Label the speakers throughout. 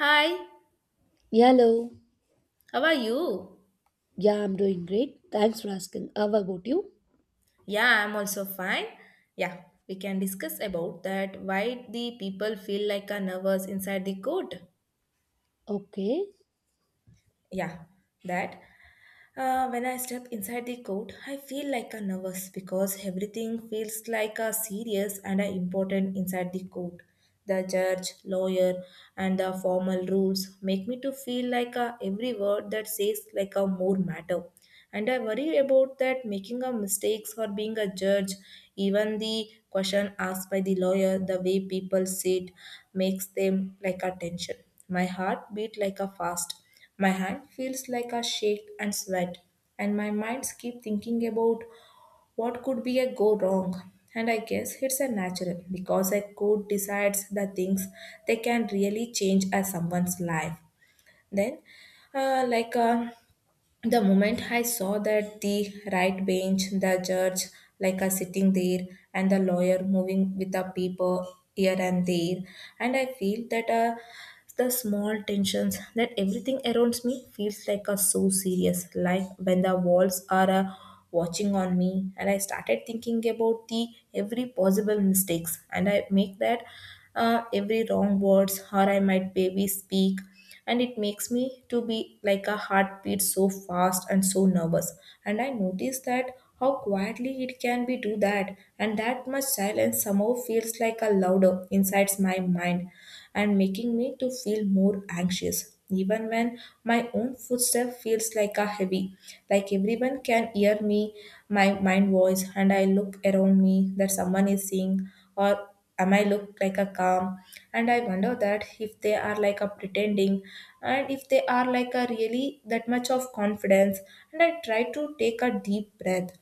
Speaker 1: Hi,
Speaker 2: Hello.
Speaker 1: how are you?
Speaker 2: Yeah, I'm doing great. Thanks for asking. How about you?
Speaker 1: Yeah, I'm also fine. Yeah, we can discuss about that why the people feel like a nervous inside the court.
Speaker 2: Okay.
Speaker 1: Yeah, that When I step inside the court, I feel like a nervous because everything feels like a serious and a important inside the court. The judge, lawyer, and the formal rules make me to feel like a every word that says like a more matter, and I worry about that making a mistakes or being a judge, even the question asked by the lawyer, the way people sit makes them like a tension. My heart beat like a fast, my hand feels like a shake and sweat, and my minds keep thinking about what could be a go wrong, and I guess it's a natural because a court decides the things they can really change as someone's life. then uh, like uh, the moment I saw that the right bench, the judge like a sitting there, and the lawyer moving with a paper here and there, and I feel that the small tensions, that everything around me feels like a so serious, like when the walls are watching on me, and I started thinking about the every possible mistakes, and I make that every wrong words or I might maybe speak, and it makes me to be like a heartbeat so fast and so nervous. And I notice that how quietly it can be do that, and that much silence somehow feels like a louder inside my mind, and making me to feel more anxious, even when my own footstep feels like a heavy, like everyone can hear me, my mind voice. And I look around me that someone is seeing, or am I look like a calm? And I wonder that if they are like a pretending, and if they are like a really that much of confidence. And I try to take a deep breath,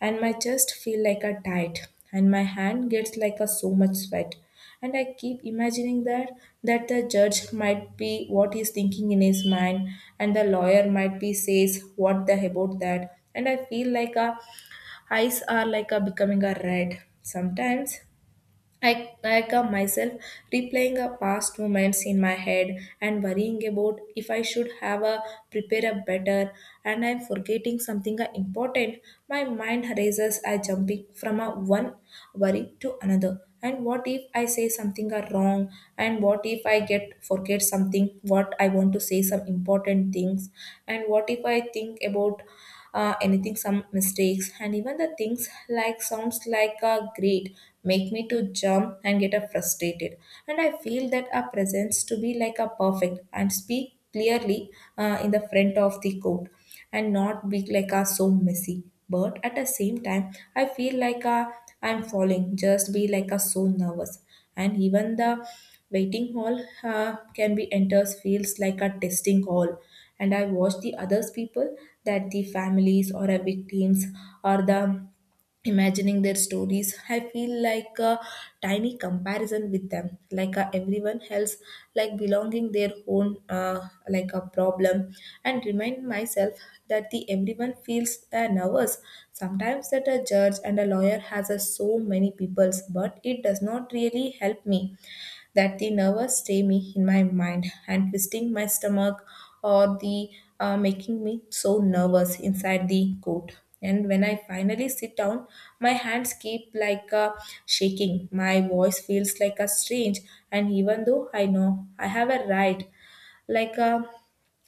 Speaker 1: and my chest feel like a tight, and my hand gets like a so much sweat. And I keep imagining that the judge might be what he's thinking in his mind, and the lawyer might be says what the about that. And I feel like a eyes are like a becoming a red. Sometimes I come myself replaying a past moments in my head, and worrying about if I should have a prepare a better, and I'm forgetting something important. My mind races, I jumping from a one worry to another. And what if I say something wrong? And what if I get forget something? What I want to say some important things? And what if I think about anything some mistakes, and even the things like sounds like a great make me to jump and get a frustrated, and I feel that our presence to be like a perfect and speak clearly in the front of the court, and not be like a so messy. But at the same time I feel like a, I'm falling just be like a so nervous. And even the waiting hall can be enters feels like a testing hall, and I watch the others people that the families or a victims or the imagining their stories, I feel like a tiny comparison with them, like everyone else like belonging their own like a problem, and remind myself that the everyone feels nervous sometimes, that a judge and a lawyer has a so many peoples, but it does not really help me, that they never stay me in my mind and twisting my stomach, or the making me so nervous inside the coat. And when I finally sit down, my hands keep like shaking, my voice feels like a strange, and even though I know I have a right, like a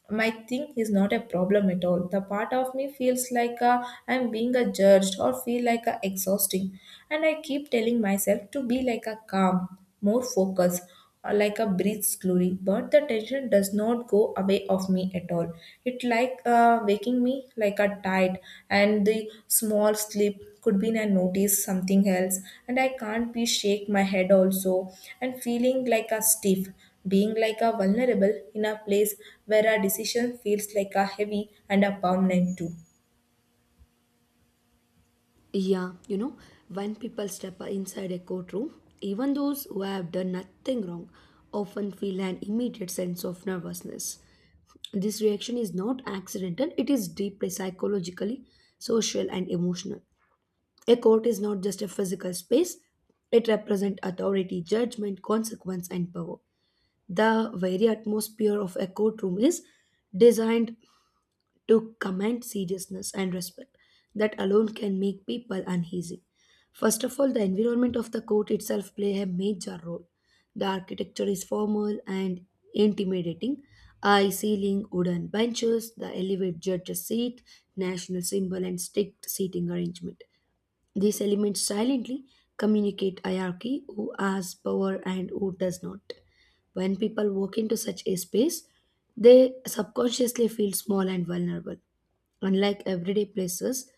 Speaker 1: my thing is not a problem at all, the part of me feels like I'm being a judged or feel like a exhausting. And I keep telling myself to be like a calm, more focused, or like a breathe slowly, but the tension does not go away of me at all. It like waking me like a tide, and the small sleep could be I notice something else, and I can't be shake my head also, and feeling like a stiff, being like a vulnerable in a place where a decision feels like a heavy and a permanent too.
Speaker 2: Yeah, you know, when people step inside a courtroom, even those who have done nothing wrong often feel an immediate sense of nervousness. This reaction is not accidental, it is deeply psychologically, social, and emotional. A court is not just a physical space, it represents authority, judgment, consequence, and power. The very atmosphere of a courtroom is designed to command seriousness and respect that alone can make people uneasy. First of all, the environment of the court itself play a major role. The architecture is formal and intimidating. High ceiling, wooden benches, the elevated judge's seat, national symbol, and strict seating arrangement. These elements silently communicate hierarchy who has power and who does not. When people walk into such a space, they subconsciously feel small and vulnerable. Unlike everyday places,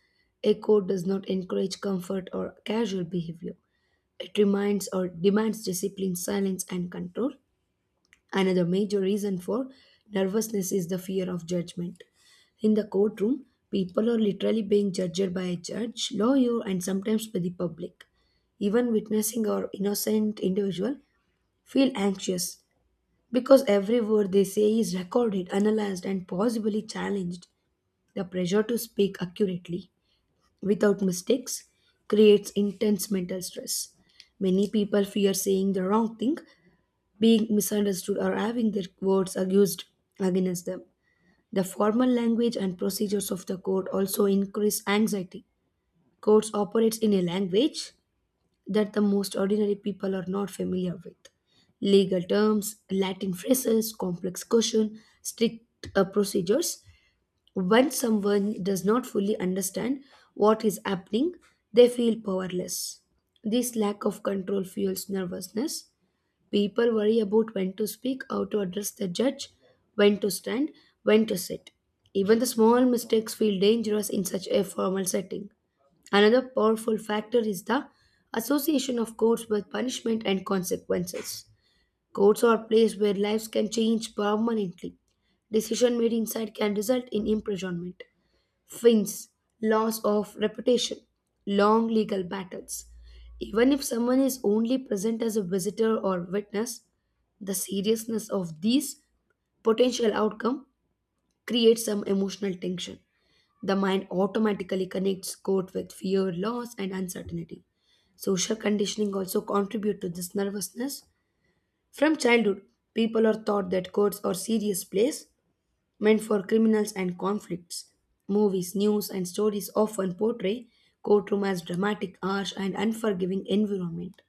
Speaker 2: a code does not encourage comfort or casual behavior. It reminds or demands discipline, silence, and control. Another major reason for nervousness is the fear of judgment. In the courtroom, people are literally being judged by a judge, lawyer, and sometimes by the public. Even witnessing or innocent individual feel anxious because every word they say is recorded, analyzed, and possibly challenged. The pressure to speak accurately without mistakes creates intense mental stress. Many people fear saying the wrong thing being misunderstood or having their words used against them. The formal language and procedures of the court also increase anxiety. Courts operates in a language that the most ordinary people are not familiar with. Legal terms, Latin phrases, complex questions, strict procedures. When someone does not fully understand what is happening, they feel powerless. This lack of control fuels nervousness. People worry about when to speak, how to address the judge, when to stand, when to sit. Even the small mistakes feel dangerous in such a formal setting. Another powerful factor is the association of courts with punishment and consequences. Courts are a place where lives can change permanently. Decision made inside can result in imprisonment. Wins, loss of reputation, long legal battles. Even if someone is only present as a visitor or witness, the seriousness of these potential outcome creates some emotional tension. The mind automatically connects court with fear, loss, and uncertainty. Social conditioning also contribute to this nervousness. From childhood, people are taught that courts are serious place meant for criminals and conflicts. Movies, news, and stories often portray courtroom as dramatic, harsh, and unforgiving environment.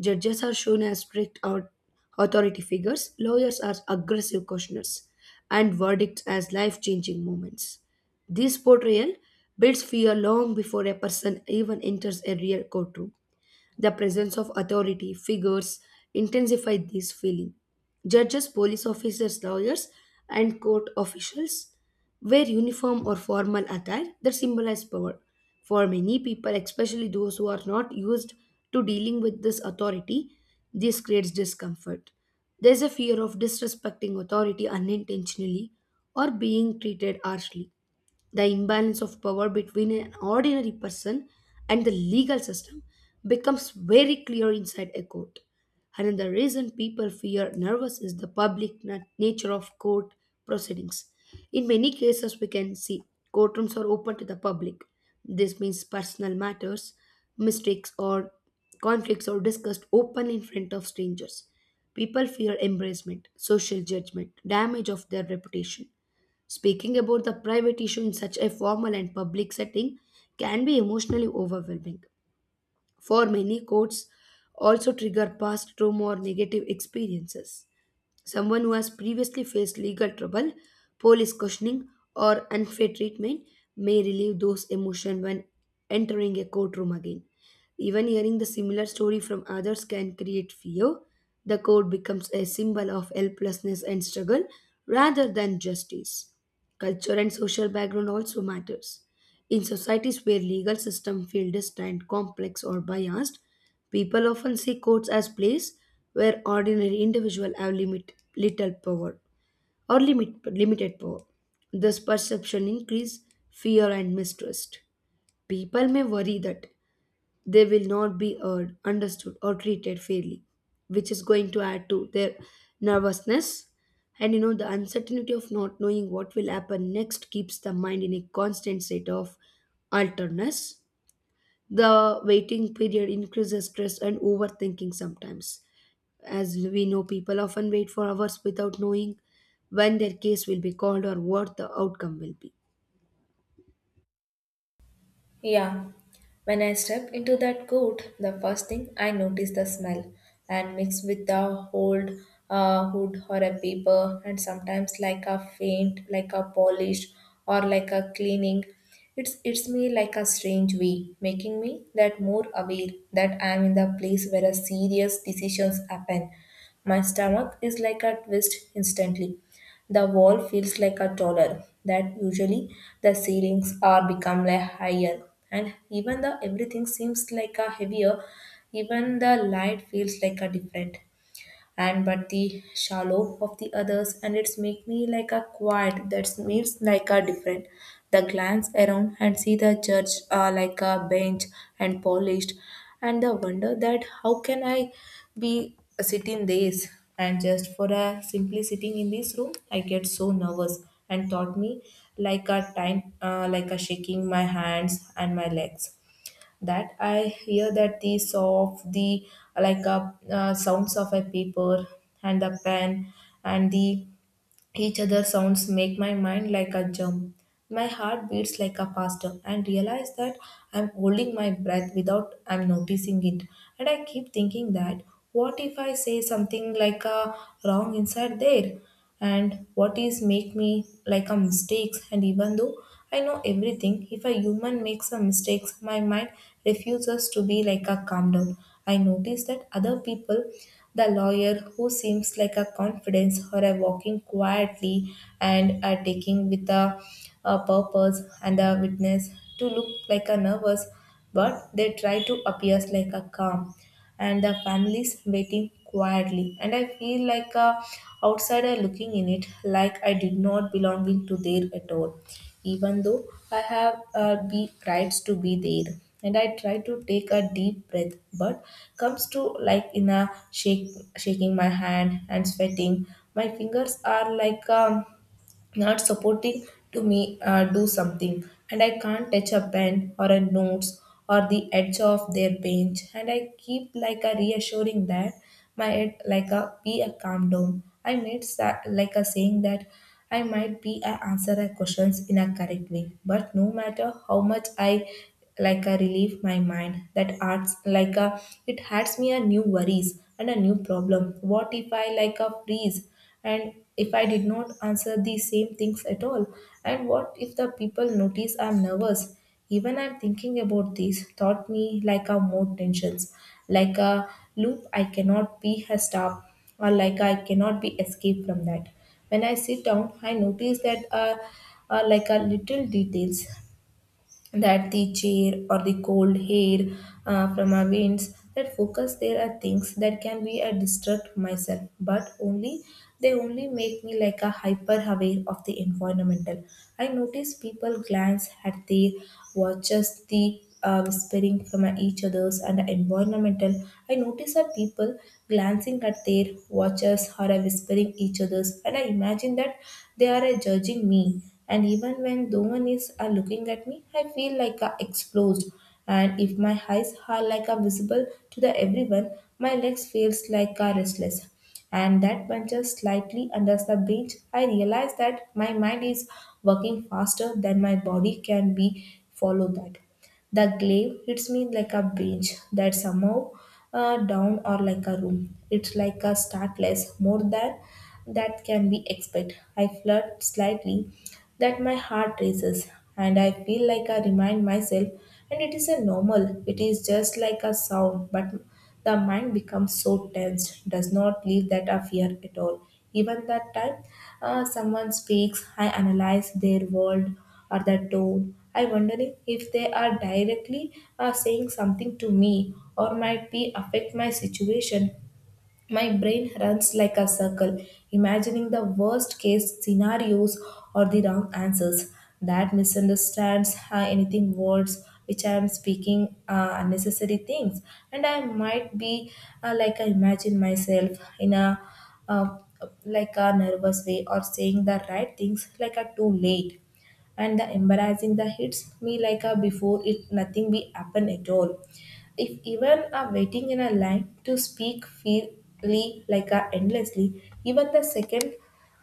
Speaker 2: Judges are shown as strict or authority figures, lawyers as aggressive cautioners, and verdicts as life-changing moments. This portrayal builds fear long before a person even enters a real courtroom. The presence of authority figures intensified this feeling. Judges, police officers, lawyers, and court officials wear uniform or formal attire that symbolize power. For many people, especially those who are not used to dealing with this authority, this creates discomfort. There's a fear of disrespecting authority unintentionally or being treated harshly. The imbalance of power between an ordinary person and the legal system becomes very clear inside a court. Another reason people fear nervous is the public nature of court proceedings. In many cases, we can see courtrooms are open to the public. This means personal matters, mistakes, or conflicts are discussed openly in front of strangers. People fear embarrassment, social judgment, damage of their reputation. Speaking about the private issue in such a formal and public setting can be emotionally overwhelming. For many, quotes also trigger past trauma or negative experiences. Someone who has previously faced legal trouble, police questioning, or unfair treatment may relieve those emotions when entering a courtroom again. Even hearing the similar story from others can create fear. The court becomes a symbol of helplessness and struggle rather than justice. Culture and social background also matters. In societies where legal systems feel distant, complex, or biased, people often see courts as place where ordinary individuals have limit, little power or limit, limited power. This perception increases fear and mistrust. People may worry that they will not be heard, understood, or treated fairly, which is going to add to their nervousness. And you know, the uncertainty of not knowing what will happen next keeps the mind in a constant state of alterness. The waiting period increases stress and overthinking sometimes. As we know, people often wait for hours without knowing when their case will be called or what the outcome will be.
Speaker 1: Yeah. When I step into that coat, the first thing I notice the smell, and mixed with a old hood or a paper, and sometimes like a faint, like a polish or like a cleaning. It's me like a strange way, making me that more aware that I'm in the place where a serious decisions happen. My stomach is like a twist instantly. The wall feels like a taller. That usually the ceilings are become like higher, and even the everything seems like a heavier. Even the light feels like a different, and but the shallow of the others, and it's make me like a quiet that seems like a different. The glance around and see the church like a bench and polished, and the wonder that how can I be sitting this, and just for a simply sitting in this room I get so nervous and taught me like a time like a shaking my hands and my legs, that I hear that the saw of the like sounds of a paper and a pen, and the each other sounds make my mind like a jump. My heart beats like a faster, and realize that I'm holding my breath without I'm noticing it. And I keep thinking that what if I say something like a wrong inside there? And what is make me like a mistakes, and even though I know everything. If a human makes a mistake, my mind refuses to be like a calm down. I notice that other people, the lawyer who seems like a confidence or a walking quietly, and are taking with a purpose, and a witness to look like a nervous, but they try to appear like a calm, and the families waiting quietly, and I feel like a outsider looking in it, like I did not belonging to there at all, even though I have be rights to be there. And I try to take a deep breath, but comes to like in a shake, shaking my hand and sweating. My fingers are like not supporting to me do something, and I can't touch a pen or a notes or the edge of their bench, and I keep like a reassuring that my head like a be a calm down, I made like a saying that I might be a answer a questions in a correct way, but no matter how much I like a relieve my mind, that arts like a it adds me a new worries and a new problem. What if I like a freeze, and if I did not answer the same things at all, and what if the people notice I'm nervous, even I'm thinking about this taught me like a more tensions, like a loop I cannot be a stop, or like I cannot be escaped from that. When I sit down I notice that like a little details, that the chair or the cold hair from our winds, that focus there are things that can be a distract myself, but only they only make me like a hyper aware of the environmental. I notice people glance at their watches, the whispering from each other's and environmental. I notice that people glancing at their watches or are whispering each other's, and I imagine that they are judging me. And even when no one is looking at me, I feel like exposed. And if my eyes are like visible to the everyone, my legs feels like restless and that bunches slightly under the bench, I realize that my mind is working faster than my body can be follow that. The glaive hits me like a beach that somehow down or like a room. It's like a startless more than that can be expected. I flirt slightly that my heart races, and I feel like I remind myself and it is a normal. It is just like a sound, but the mind becomes so tense, does not leave that of fear at all. Even that time someone speaks, I analyze their word or their tone. I wondering if they are directly saying something to me or might be affect my situation. My brain runs like a circle, imagining the worst case scenarios or the wrong answers that misunderstands anything words which I am speaking unnecessary things, and I might be like I imagine myself in a uh, like a nervous way or saying the right things like a too late and the embarrassing that hits me like a before it nothing be happen at all if even a waiting in a line to speak freely like a endlessly, even the second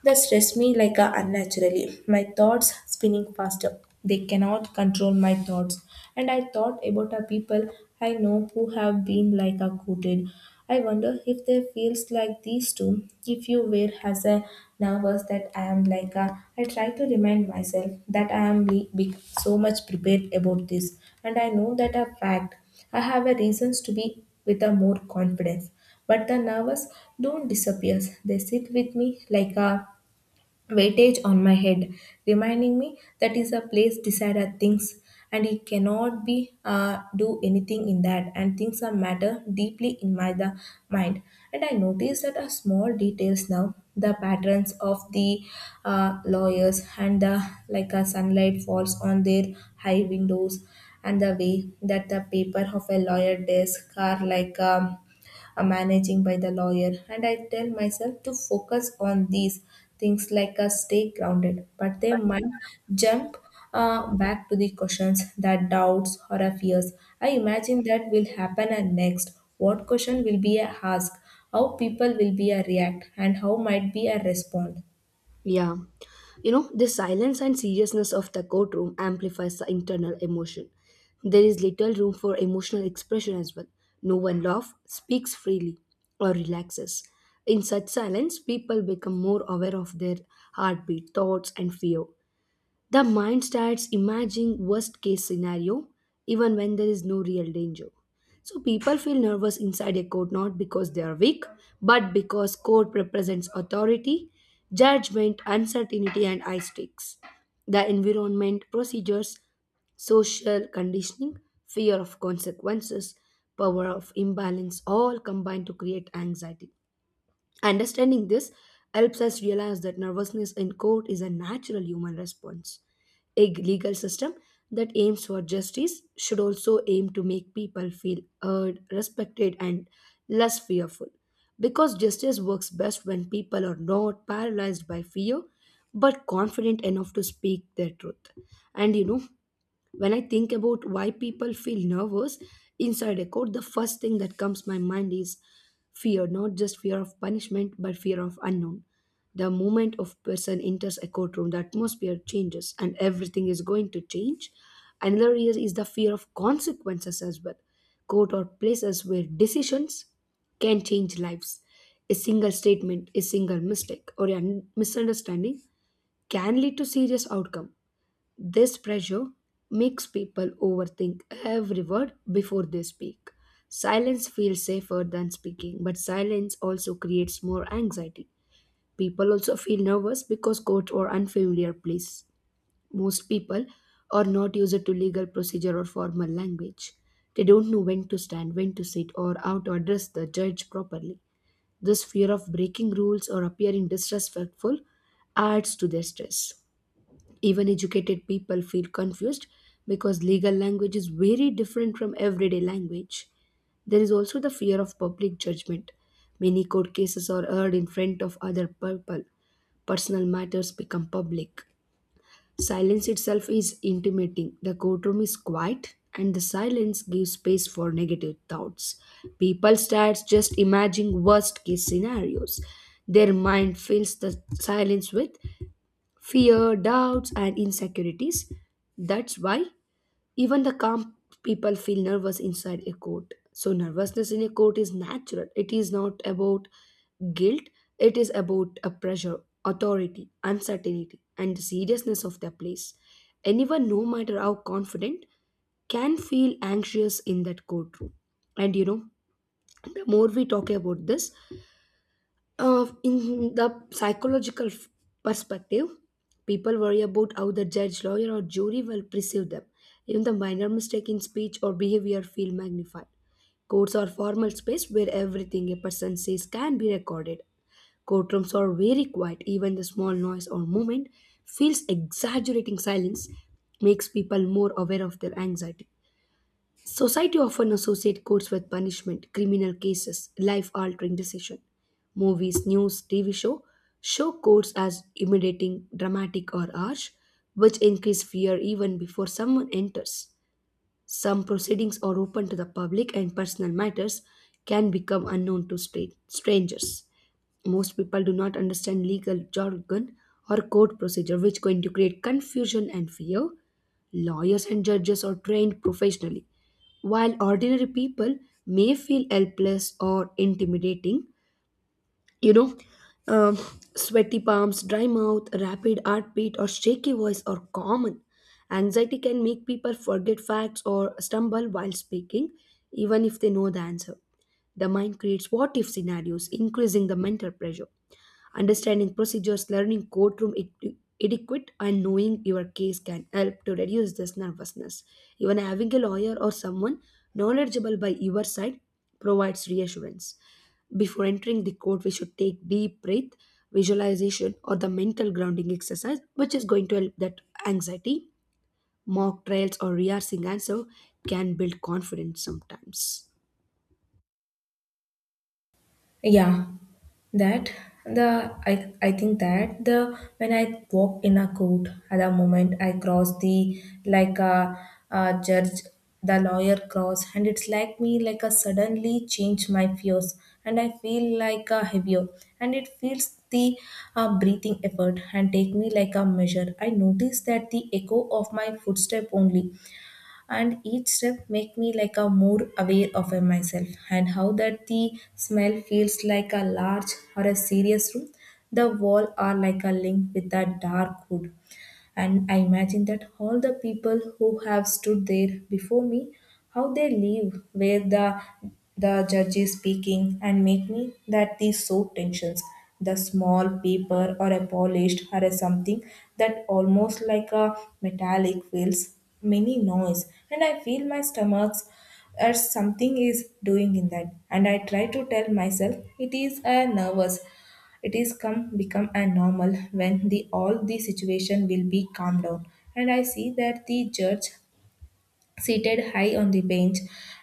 Speaker 1: that stress me like a unnaturally. My thoughts spinning faster. They cannot control my thoughts. And I thought about a people I know who have been like a quoted. I wonder if they feels like these too. If you were as a nervous that I am like a, I try to remind myself that I am so much prepared about this, and I know that a fact. I have a reasons to be with a more confidence, but the nervous don't disappear. They sit with me like a weightage on my head, reminding me that is a place decided things and it cannot be do anything in that, and things are matter deeply in my the mind. And I notice that are small details now the patterns of the lawyers and the like a sunlight falls on their high windows and the way that the paper of a lawyer desk are like managing by the lawyer, and I tell myself to focus on these things like stay grounded, but they might jump back to the questions that doubts or fears. I imagine that will happen next what question will be a ask, how people will be a react and how might be a respond.
Speaker 2: Yeah. You know, the silence and seriousness of the courtroom amplifies the internal emotion. There is little room for emotional expression as well. No one laughs, speaks freely, or relaxes. In such silence, people become more aware of their heartbeat, thoughts, and fear. The mind starts imagining worst case scenario even when there is no real danger. So people feel nervous inside a court not because they are weak, but because court represents authority, judgment, uncertainty, and high stakes. The environment, procedures, social conditioning, fear of consequences, power of imbalance all combine to create anxiety. Understanding this helps us realize that nervousness in court is a natural human response. A legal system that aims for justice should also aim to make people feel heard, respected, and less fearful. Because justice works best when people are not paralyzed by fear but confident enough to speak their truth. And you know, when I think about why people feel nervous inside a court, the first thing that comes my mind is fear, not just fear of punishment but fear of unknown. The moment of person enters a courtroom, the atmosphere changes, and everything is going to change. Another is the fear of consequences as well. Court or places where decisions can change lives. A single statement, a single mistake, or a misunderstanding can lead to serious outcome. This pressure makes people overthink every word before they speak. Silence feels safer than speaking, but silence also creates more anxiety. People also feel nervous because court or unfamiliar place. Most people are not used to legal procedure or formal language. They don't know when to stand, when to sit, or how to address the judge properly. This fear of breaking rules or appearing disrespectful adds to their stress. Even educated people feel confused because legal language is very different from everyday language. There is also the fear of public judgment. Many court cases are heard in front of other people. Personal matters become public. Silence itself is intimating. The courtroom is quiet and the silence gives space for negative thoughts. People start just imagining worst case scenarios. Their mind fills the silence with fear, doubts, and insecurities. That's why even the calm people feel nervous inside a court. So, nervousness in a court is natural. It is not about guilt, it is about a pressure, authority, uncertainty, and the seriousness of the place. Anyone, no matter how confident, can feel anxious in that courtroom. And you know, the more we talk about this, in the psychological perspective, people worry about how the judge, lawyer, or jury will perceive them. Even the minor mistake in speech or behavior feel magnified. Courts are formal space where everything a person says can be recorded. Courtrooms are very quiet. Even the small noise or movement feels exaggerating silence makes people more aware of their anxiety. Society often associate courts with punishment, criminal cases, life-altering decision. Movies, news, TV show courts as intimidating, dramatic, or harsh, which increase fear even before someone enters. Some proceedings are open to the public, and personal matters can become unknown to strangers. Most people do not understand legal jargon or court procedure, which going to create confusion and fear. Lawyers and judges are trained professionally, while ordinary people may feel helpless or intimidating. You know, um, sweaty palms, dry mouth, rapid heartbeat, or shaky voice are common. Anxiety can make people forget facts or stumble while speaking, even if they know the answer. The mind creates what if scenarios, increasing the mental pressure. Understanding procedures, learning courtroom etiquette, and knowing your case can help to reduce this nervousness. Even having a lawyer or someone knowledgeable by your side provides reassurance. Before entering the court, we should take deep breath, visualization, or the mental grounding exercise, which is going to help that anxiety. Mock trials or rehearsing answer can build confidence sometimes.
Speaker 1: Yeah, that the I think that the when I walk in a court at the moment I cross the like a judge the lawyer cross and it's like me like a suddenly change my fears and I feel like a heavier and it feels the breathing effort and take me like a measure. I notice that the echo of my footstep only and each step make me like a more aware of myself and how that the smell feels like a large or a serious room. The wall are like a link with a dark wood and I imagine that all the people who have stood there before me, how they live, where the judge is speaking, and make me that these soap tensions, the small paper or a polished or a something that almost like a metallic feels many noise, and I feel my stomachs as something is doing in that, and I try to tell myself it is a nervous. It is come become a normal when the all the situation will be calmed down. And I see that the judge seated high on the bench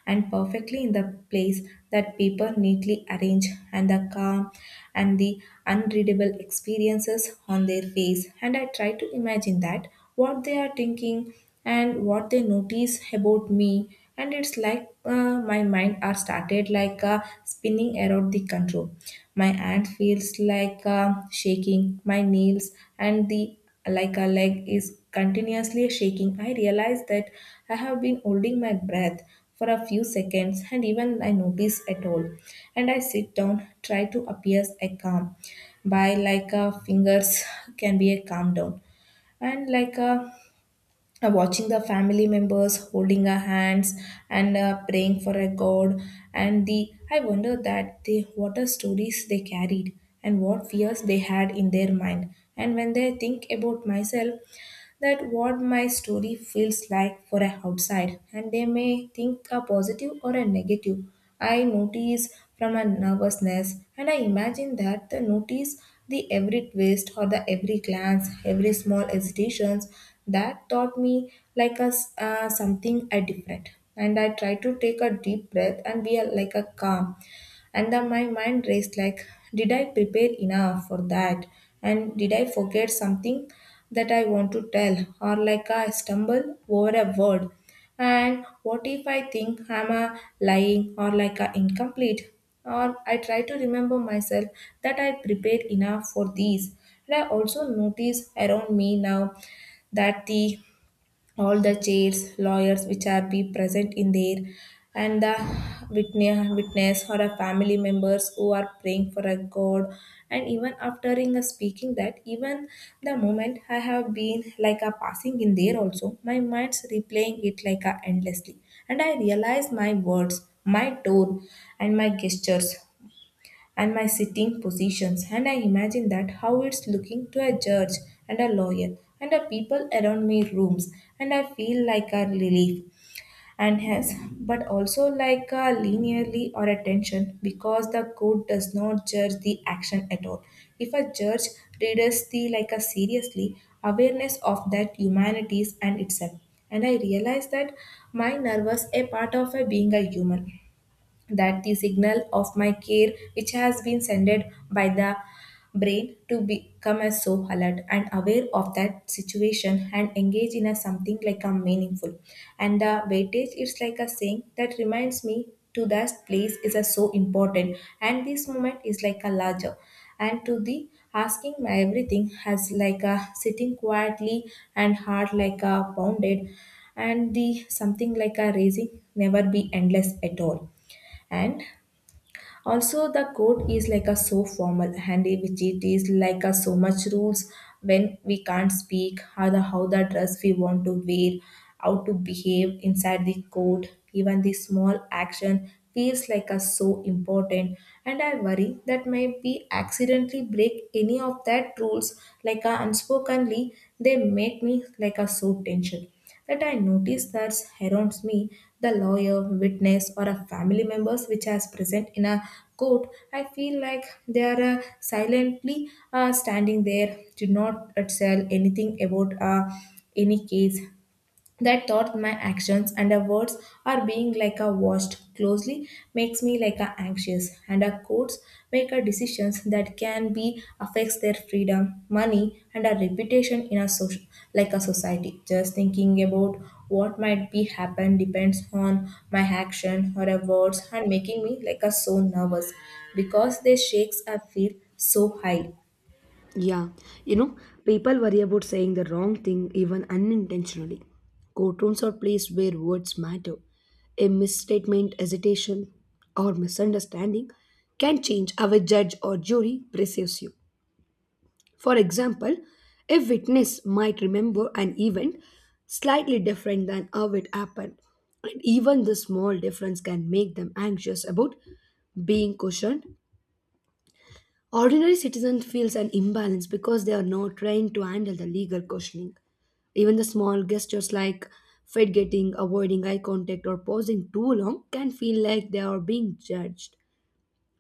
Speaker 1: and perfectly in the place, that people neatly arrange and the calm and the unreadable experiences on their face, and I try to imagine that what they are thinking and what they notice about me, and it's like my mind are started like spinning around the control. My hand feels like shaking my nails and the like a leg is continuously shaking. I realize that I have been holding my breath for a few seconds and even I notice at all. And I sit down, try to appear a calm by like a fingers can be a calm down and like a watching the family members holding her hands and praying for a god, and the I wonder that they what are stories they carried and what fears they had in their mind and when they think about myself, that what my story feels like for a outside and they may think a positive or a negative. I notice from a nervousness and I imagine that the notice the every twist or the every glance every small hesitations that taught me like a something a different. And I try to take a deep breath and be a, like a calm. And then my mind raced like, did I prepare enough for that, and did I forget something that I want to tell, or like I stumble over a word, and what if I think I'm a lying or like a incomplete, or I try to remember myself that I prepared enough for these. And I also notice around me now that the all the chairs, lawyers which are be present in there, and the witness or a family members who are praying for a God. And even after in a speaking that, even the moment I have been like a passing in there also, my mind's replaying it like a endlessly. And I realize my words, my tone, and my gestures and my sitting positions, and I imagine that how it's looking to a judge and a lawyer and the people around me rooms, and I feel like a relief, and yes, but also like a linearly or a tension because the court does not judge the action at all. If a judge reads the like a seriously awareness of that humanities and itself, and I realize that my nervous a part of a being a human, that the signal of my care which has been sent by the brain to become as so alert and aware of that situation and engage in a something like a meaningful, and the weightage is like a saying that reminds me to that place is a so important and this moment is like a larger and to the asking my everything has like a sitting quietly and heart like a pounded and the something like a raising never be endless at all. And also the code is like a so formal and which it is like a so much rules, when we can't speak, how the dress we want to wear, how to behave inside the code, even the small action feels like a so important. And I worry that maybe accidentally break any of that rules like a unspokenly, they make me like a so tension, that I notice that surrounds me, the lawyer, witness, or a family members which is present in a court. I feel like they are silently standing there, do not tell anything about any case. That thought my actions and the words are being like a watched closely makes me like a anxious, and a courts make a decisions that can be affects their freedom, money and a reputation in a social like a society. Just thinking about what might be happen depends on my action or a words and making me like a so nervous because they shakes I feel so high.
Speaker 2: Yeah, you know, people worry about saying the wrong thing even unintentionally. Courtrooms are places where words matter. A misstatement, hesitation, or misunderstanding can change how a judge or jury perceives you. For example, a witness might remember an event slightly different than how it happened, and even the small difference can make them anxious about being questioned. Ordinary citizen feels an imbalance because they are not trained to handle the legal questioning. Even the small gestures like fed getting, avoiding eye contact, or pausing too long can feel like they are being judged.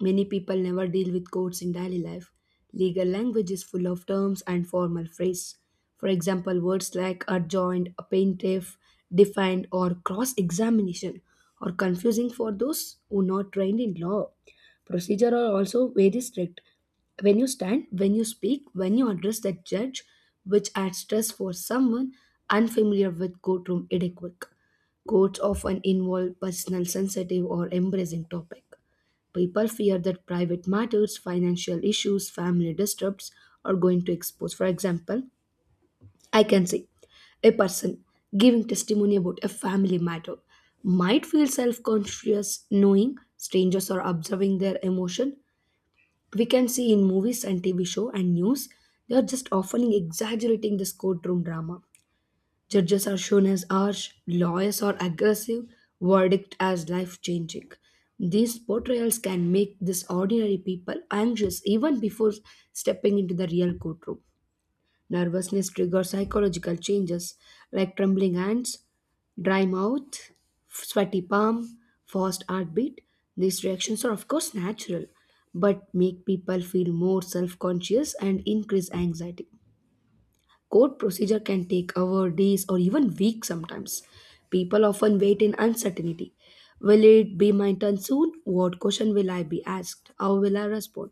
Speaker 2: Many people never deal with courts in daily life. Legal language is full of terms and formal phrase. For example, words like adjoined, plaintiff, defined, or cross examination are confusing for those who are not trained in law. Procedure are also very strict. When you stand, when you speak, when you address the judge, which adds stress for someone unfamiliar with courtroom etiquette. Courts often involve personal, sensitive, or embarrassing topic. People fear that private matters, financial issues, family disturbs are going to expose. For example, I can say a person giving testimony about a family matter might feel self conscious knowing strangers are observing their emotion. We can see in movies and TV show and news, they are just often exaggerating this courtroom drama. Judges are shown as harsh, lawyers are aggressive, verdict as life changing. These portrayals can make these ordinary people anxious even before stepping into the real courtroom. Nervousness triggers psychological changes like trembling hands, dry mouth, sweaty palm, fast heartbeat. These reactions are, of course, natural, but make people feel more self conscious and increase anxiety. Court procedure can take hours, days, or even weeks sometimes. People often wait in uncertainty. Will it be my turn soon? What question will I be asked? How will I respond?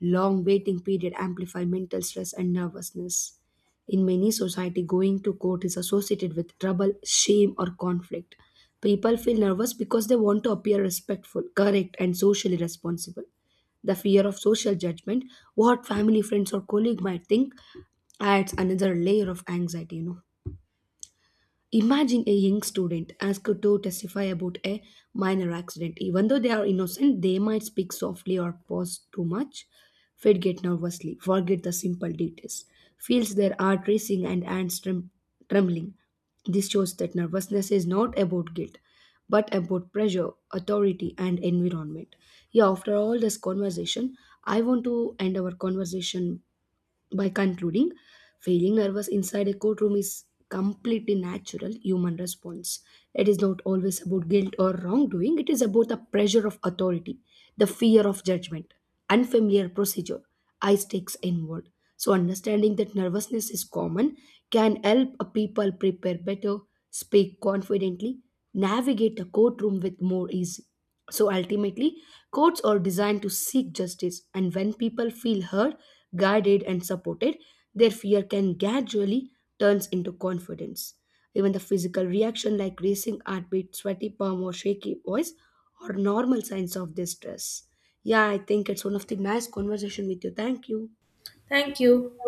Speaker 2: Long waiting period amplify mental stress and nervousness. In many society, going to court is associated with trouble, shame, or conflict. People feel nervous because they want to appear respectful, correct, and socially responsible. The fear of social judgment, what family, friends, or colleague might think, adds another layer of anxiety, you know. Imagine a young student asked to testify about a minor accident. Even though they are innocent, they might speak softly or pause too much, fed get nervously, forget the simple details, feels their heart racing and hands trembling. This shows that nervousness is not about guilt but about pressure, authority, and environment. Yeah, after all this conversation, I want to end our conversation by concluding, feeling nervous inside a courtroom is completely natural human response. It is not always about guilt or wrongdoing, it is about the pressure of authority, the fear of judgment, unfamiliar procedure, eye stakes inward. So, understanding that nervousness is common can help a people prepare better, speak confidently, navigate a courtroom with more ease. So ultimately, courts are designed to seek justice, and when people feel heard, guided, and supported, their fear can gradually turns into confidence. Even the physical reaction like racing heartbeat, sweaty palm, or shaky voice are normal signs of distress. Yeah, I think it's one of the nice conversation with you. Thank you.
Speaker 1: Thank you.